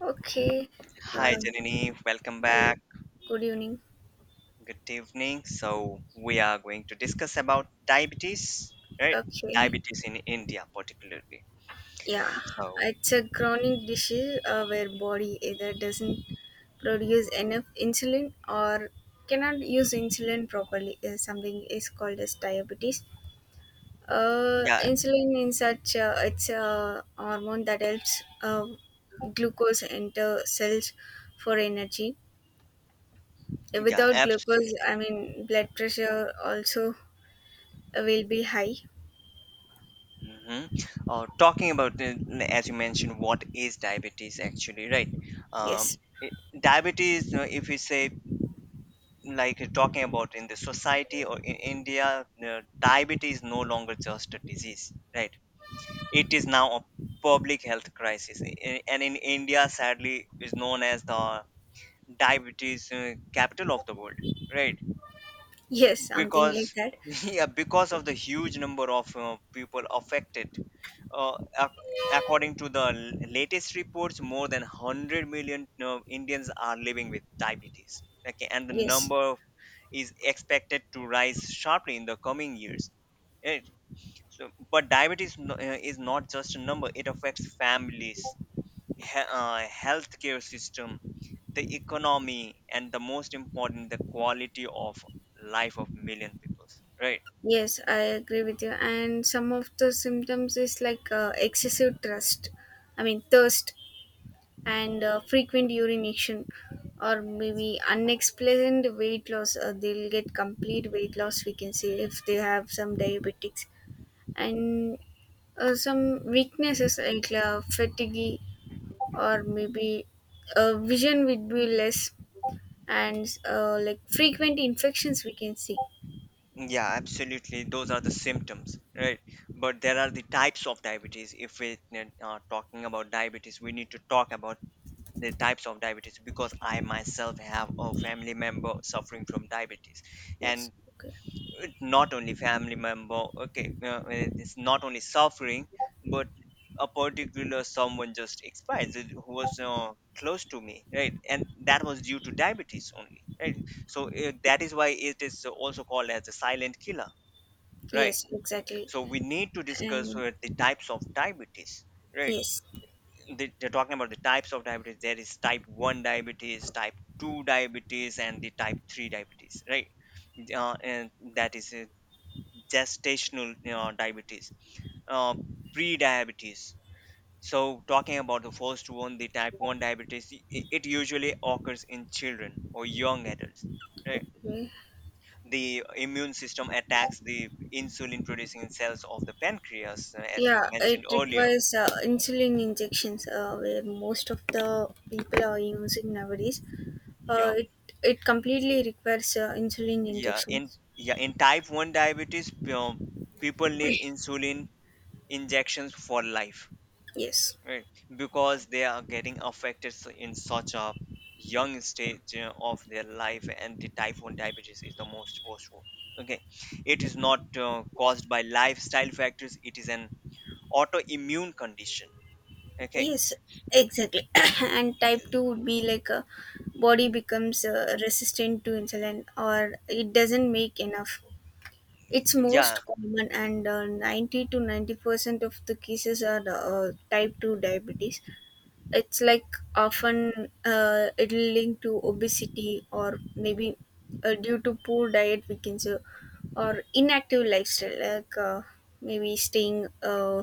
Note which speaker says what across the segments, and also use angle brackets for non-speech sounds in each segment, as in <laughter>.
Speaker 1: Okay.
Speaker 2: Hi
Speaker 1: Um,
Speaker 2: Janini, welcome
Speaker 1: well,
Speaker 2: back.
Speaker 1: good evening.
Speaker 2: Good evening. So we are going to discuss about diabetes, right?
Speaker 1: Okay.
Speaker 2: Diabetes in India, particularly.
Speaker 1: Yeah,
Speaker 2: So
Speaker 1: it's a chronic disease where body either doesn't produce enough insulin or cannot use insulin properly. Something is called as diabetes.
Speaker 2: yeah,
Speaker 1: Insulin in such It's a hormone that helps glucose enter cells for energy.
Speaker 2: yeah,
Speaker 1: Without glucose,
Speaker 2: absolutely.
Speaker 1: I mean, blood pressure also will be high.
Speaker 2: hmm talking about as you mentioned, what is diabetes actually, right? Um,
Speaker 1: Yes.
Speaker 2: it- Diabetes, if you say talking about in the society or in India, diabetes is no longer just a disease, right? It is now a public health crisis and in India, sadly, is known as the diabetes capital of the world, right?
Speaker 1: Yes, something
Speaker 2: Because
Speaker 1: like that.
Speaker 2: <laughs> yeah, because of the huge number of people affected, uh, ac- according to the latest reports, more than 100 million Indians are living with diabetes. Okay, and the
Speaker 1: Yes,
Speaker 2: number is expected to rise sharply in the coming years. Eh, so but diabetes is not just a number. It affects families, healthcare system, the economy, and the most important, the quality of life of million people. Right?
Speaker 1: yes, I agree with you. And some of the symptoms is like excessive thirst, I mean thirst, and frequent urination, or maybe unexplained weight loss. They'll get complete weight loss. We can say if they have some diabetics and some weaknesses like fatigue, or maybe vision would be less, and like frequent infections we can see.
Speaker 2: Yeah, absolutely. Those are the symptoms, right? But there are the types of diabetes. If we are talking about diabetes, we need to talk about the types of diabetes, because I myself have a family member suffering from diabetes,
Speaker 1: Yes.
Speaker 2: and
Speaker 1: Okay.
Speaker 2: it not only family member, okay, it's not only suffering, but a particular someone just expired who was close to me, right? And that was due to diabetes only, right? So that is why it is also called as a silent killer, right?
Speaker 1: Yes, exactly.
Speaker 2: So we need to discuss
Speaker 1: And
Speaker 2: the types of diabetes, right?
Speaker 1: yes,
Speaker 2: They're talking about the types of diabetes. There is type 1 diabetes, type 2 diabetes, and the type 3 diabetes, right? And that is gestational diabetes, uh, pre-diabetes. So, talking about the first one, the type 1 diabetes, it usually occurs in children or young adults. Right?
Speaker 1: okay.
Speaker 2: The immune system attacks the insulin producing cells of the pancreas, as you
Speaker 1: Yeah,
Speaker 2: mentioned
Speaker 1: it
Speaker 2: earlier.
Speaker 1: requires insulin injections, where most of the people are using nowadays.
Speaker 2: Yeah,
Speaker 1: Uh, it it completely requires insulin
Speaker 2: yeah. In
Speaker 1: injections.
Speaker 2: yeah. In type 1 diabetes, people need
Speaker 1: <clears throat>
Speaker 2: insulin injections for life,
Speaker 1: Yes,
Speaker 2: right? Because they are getting affected in such a young stage of their life, and the type 1 diabetes is the most worst one. Okay, it is not caused by lifestyle factors, it is an autoimmune condition. Okay.
Speaker 1: yes, exactly. <coughs> And type two would be like a body becomes resistant to insulin, or it doesn't make enough. It's
Speaker 2: Yeah,
Speaker 1: most common, and 90 to 90 percent of the cases are type 2 diabetes. It's like often it'll link to obesity, or maybe due to poor diet, we can say, or inactive lifestyle, like maybe staying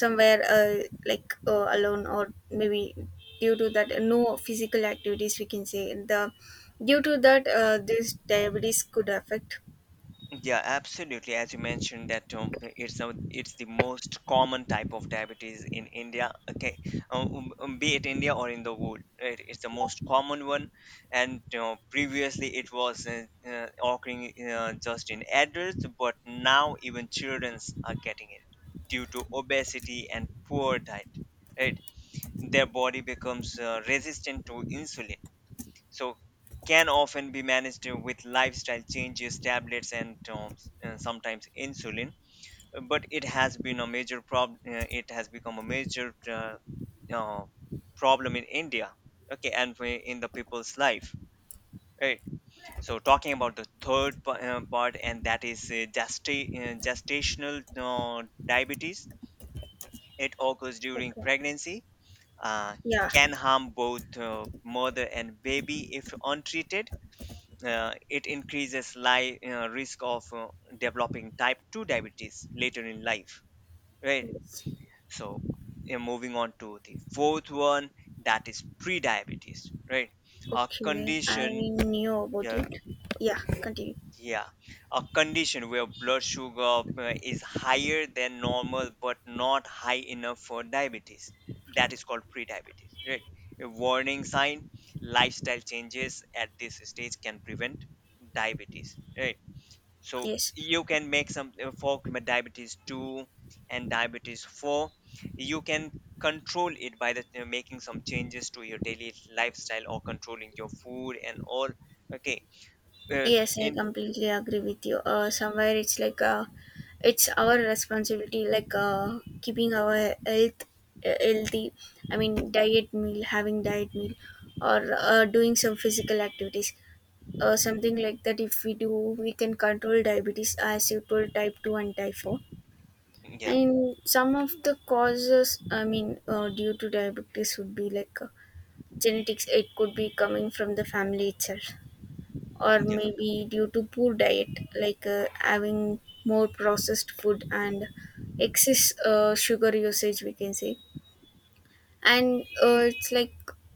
Speaker 1: somewhere like alone, or maybe due to that, no physical activities, we can say. Due to that, this diabetes could affect.
Speaker 2: yeah, absolutely. As you mentioned, that it's a, it's the most common type of diabetes in India. Okay, be it India or in the world, right? It's the most common one, and you previously it was occurring just in adults, but now even childrens are getting it due to obesity and poor diet. Right, their body becomes resistant to insulin, so can often be managed with lifestyle changes, tablets, and sometimes insulin. But it has been a major problem It has become a major uh, uh, problem in India, okay, and in the people's life, right? So talking about the third part, and that is gestational uh, diabetes, it occurs during
Speaker 1: Okay.
Speaker 2: pregnancy, uh,
Speaker 1: Yeah.
Speaker 2: can harm both mother and baby if untreated. It increases risk of developing type 2 diabetes later in life, right?
Speaker 1: Yes.
Speaker 2: So yeah, moving on to the fourth one, that is pre-diabetes, right? A
Speaker 1: Okay, I
Speaker 2: condition,
Speaker 1: knew about
Speaker 2: yeah,
Speaker 1: it. Yeah, continue.
Speaker 2: yeah, a condition where blood sugar is higher than normal but not high enough for diabetes, that
Speaker 1: Okay.
Speaker 2: is called pre-diabetes, right? A warning sign, lifestyle changes at this stage can prevent diabetes, right? So
Speaker 1: Yes,
Speaker 2: you can make some for diabetes 2 and diabetes 4, you can control it by the making some changes to your daily lifestyle or controlling your food and all. Okay. uh,
Speaker 1: yes, I
Speaker 2: in
Speaker 1: completely agree with you. Somewhere it's like it's our responsibility, like keeping our health healthy. I mean, diet meal, having diet meal, or doing some physical activities, something like that. If we do, we can control diabetes, as you told, type two and type four.
Speaker 2: Yeah,
Speaker 1: And some of the causes, I mean, due to diabetes would be like genetics. It could be coming from the family itself, or
Speaker 2: yeah
Speaker 1: maybe due to poor diet, like having more processed food and excess sugar usage, we can say. And it's like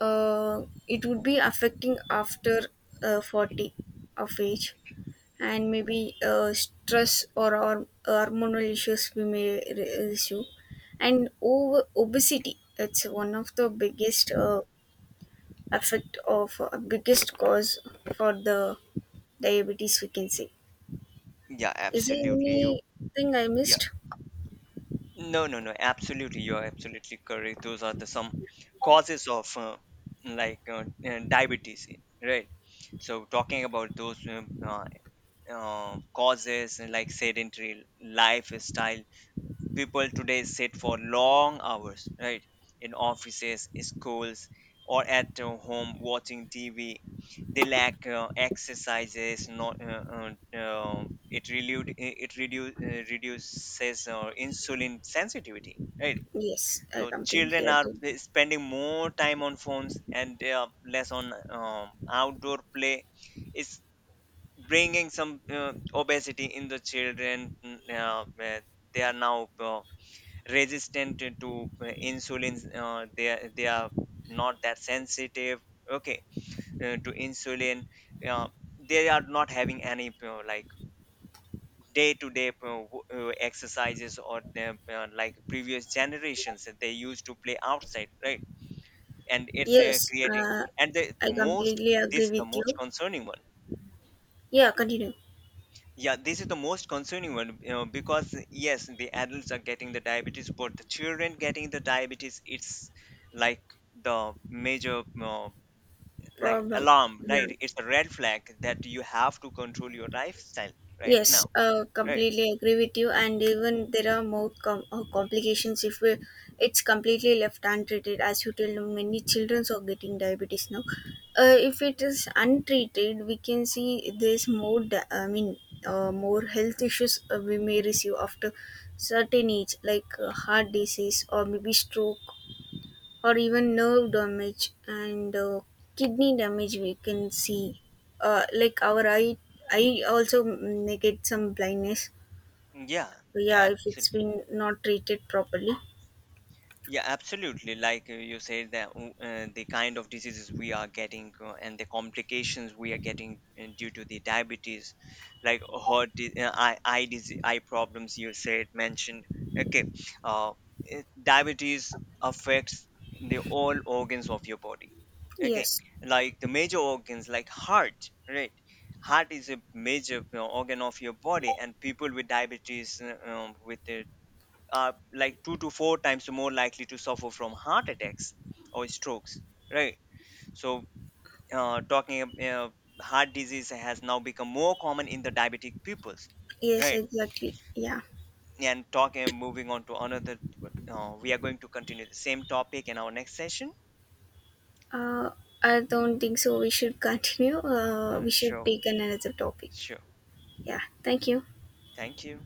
Speaker 1: it would be affecting after 40 of age, and maybe stress or hormonal issues we may issue, and over obesity. It's one of the biggest effect of biggest cause for the diabetes, we can say.
Speaker 2: yeah,
Speaker 1: Is there
Speaker 2: absolutely. You,
Speaker 1: anything I
Speaker 2: yeah,
Speaker 1: missed?
Speaker 2: no, absolutely, you are absolutely correct. Those are the some causes of diabetes, right? So talking about those, uh, causes, and like sedentary lifestyle, people today sit for long hours, right? In offices, schools, or at home watching TV, they lack exercises, not uh, it reduces insulin sensitivity, right?
Speaker 1: Yes, I
Speaker 2: So
Speaker 1: completely
Speaker 2: children are
Speaker 1: agree.
Speaker 2: spending more time on phones and they are less on outdoor play, is bringing some obesity in the children, where they are now resistant to insulin. They are not that sensitive. Okay, to insulin. uh, they are not having any like day to day exercises or the, like previous generations that they used to play outside, right? And it's
Speaker 1: yes
Speaker 2: creating,
Speaker 1: uh,
Speaker 2: and the
Speaker 1: I
Speaker 2: most,
Speaker 1: completely
Speaker 2: this
Speaker 1: agree
Speaker 2: is the
Speaker 1: with
Speaker 2: most
Speaker 1: you.
Speaker 2: concerning one.
Speaker 1: Yeah, continue.
Speaker 2: Yeah, this is the most concerning one, you know, because yes, the adults are getting the diabetes, but the children getting the diabetes, it's like the major like
Speaker 1: Problem.
Speaker 2: alarm,
Speaker 1: Yeah.
Speaker 2: right? It's a red flag that you have to control your lifestyle right now,
Speaker 1: Yes,
Speaker 2: right?
Speaker 1: completely agree with you. And even there are more complications if we, it's completely left untreated. As you tell, many children are getting diabetes now. If it is untreated, we can see there's more. I mean, more health issues we may receive after certain age, like heart disease, or maybe stroke, or even nerve damage, and kidney damage we can see. Like our eye also may get some blindness.
Speaker 2: Yeah,
Speaker 1: So yeah, if it's
Speaker 2: absolutely.
Speaker 1: been not treated properly.
Speaker 2: Yeah, absolutely. Like you said, that the kind of diseases we are getting and the complications we are getting due to the diabetes, like eye disease, eye problems, you said mentioned. Okay, uh, diabetes affects the all organs of your body. Okay,
Speaker 1: Yes.
Speaker 2: like the major organs, like heart. Right, heart is a major organ of your body, and people with diabetes, with the are like 2 to 4 times more likely to suffer from heart attacks or strokes, right? So uh, talking ab- uh, heart disease has now become more common in the diabetic peoples,
Speaker 1: Yes,
Speaker 2: right?
Speaker 1: exactly. Yeah.
Speaker 2: And talking moving on to another, we are going to continue the same topic in our next session.
Speaker 1: uh, I don't think so we should continue. We should
Speaker 2: Sure,
Speaker 1: take another topic.
Speaker 2: sure.
Speaker 1: Yeah, thank you.
Speaker 2: Thank you.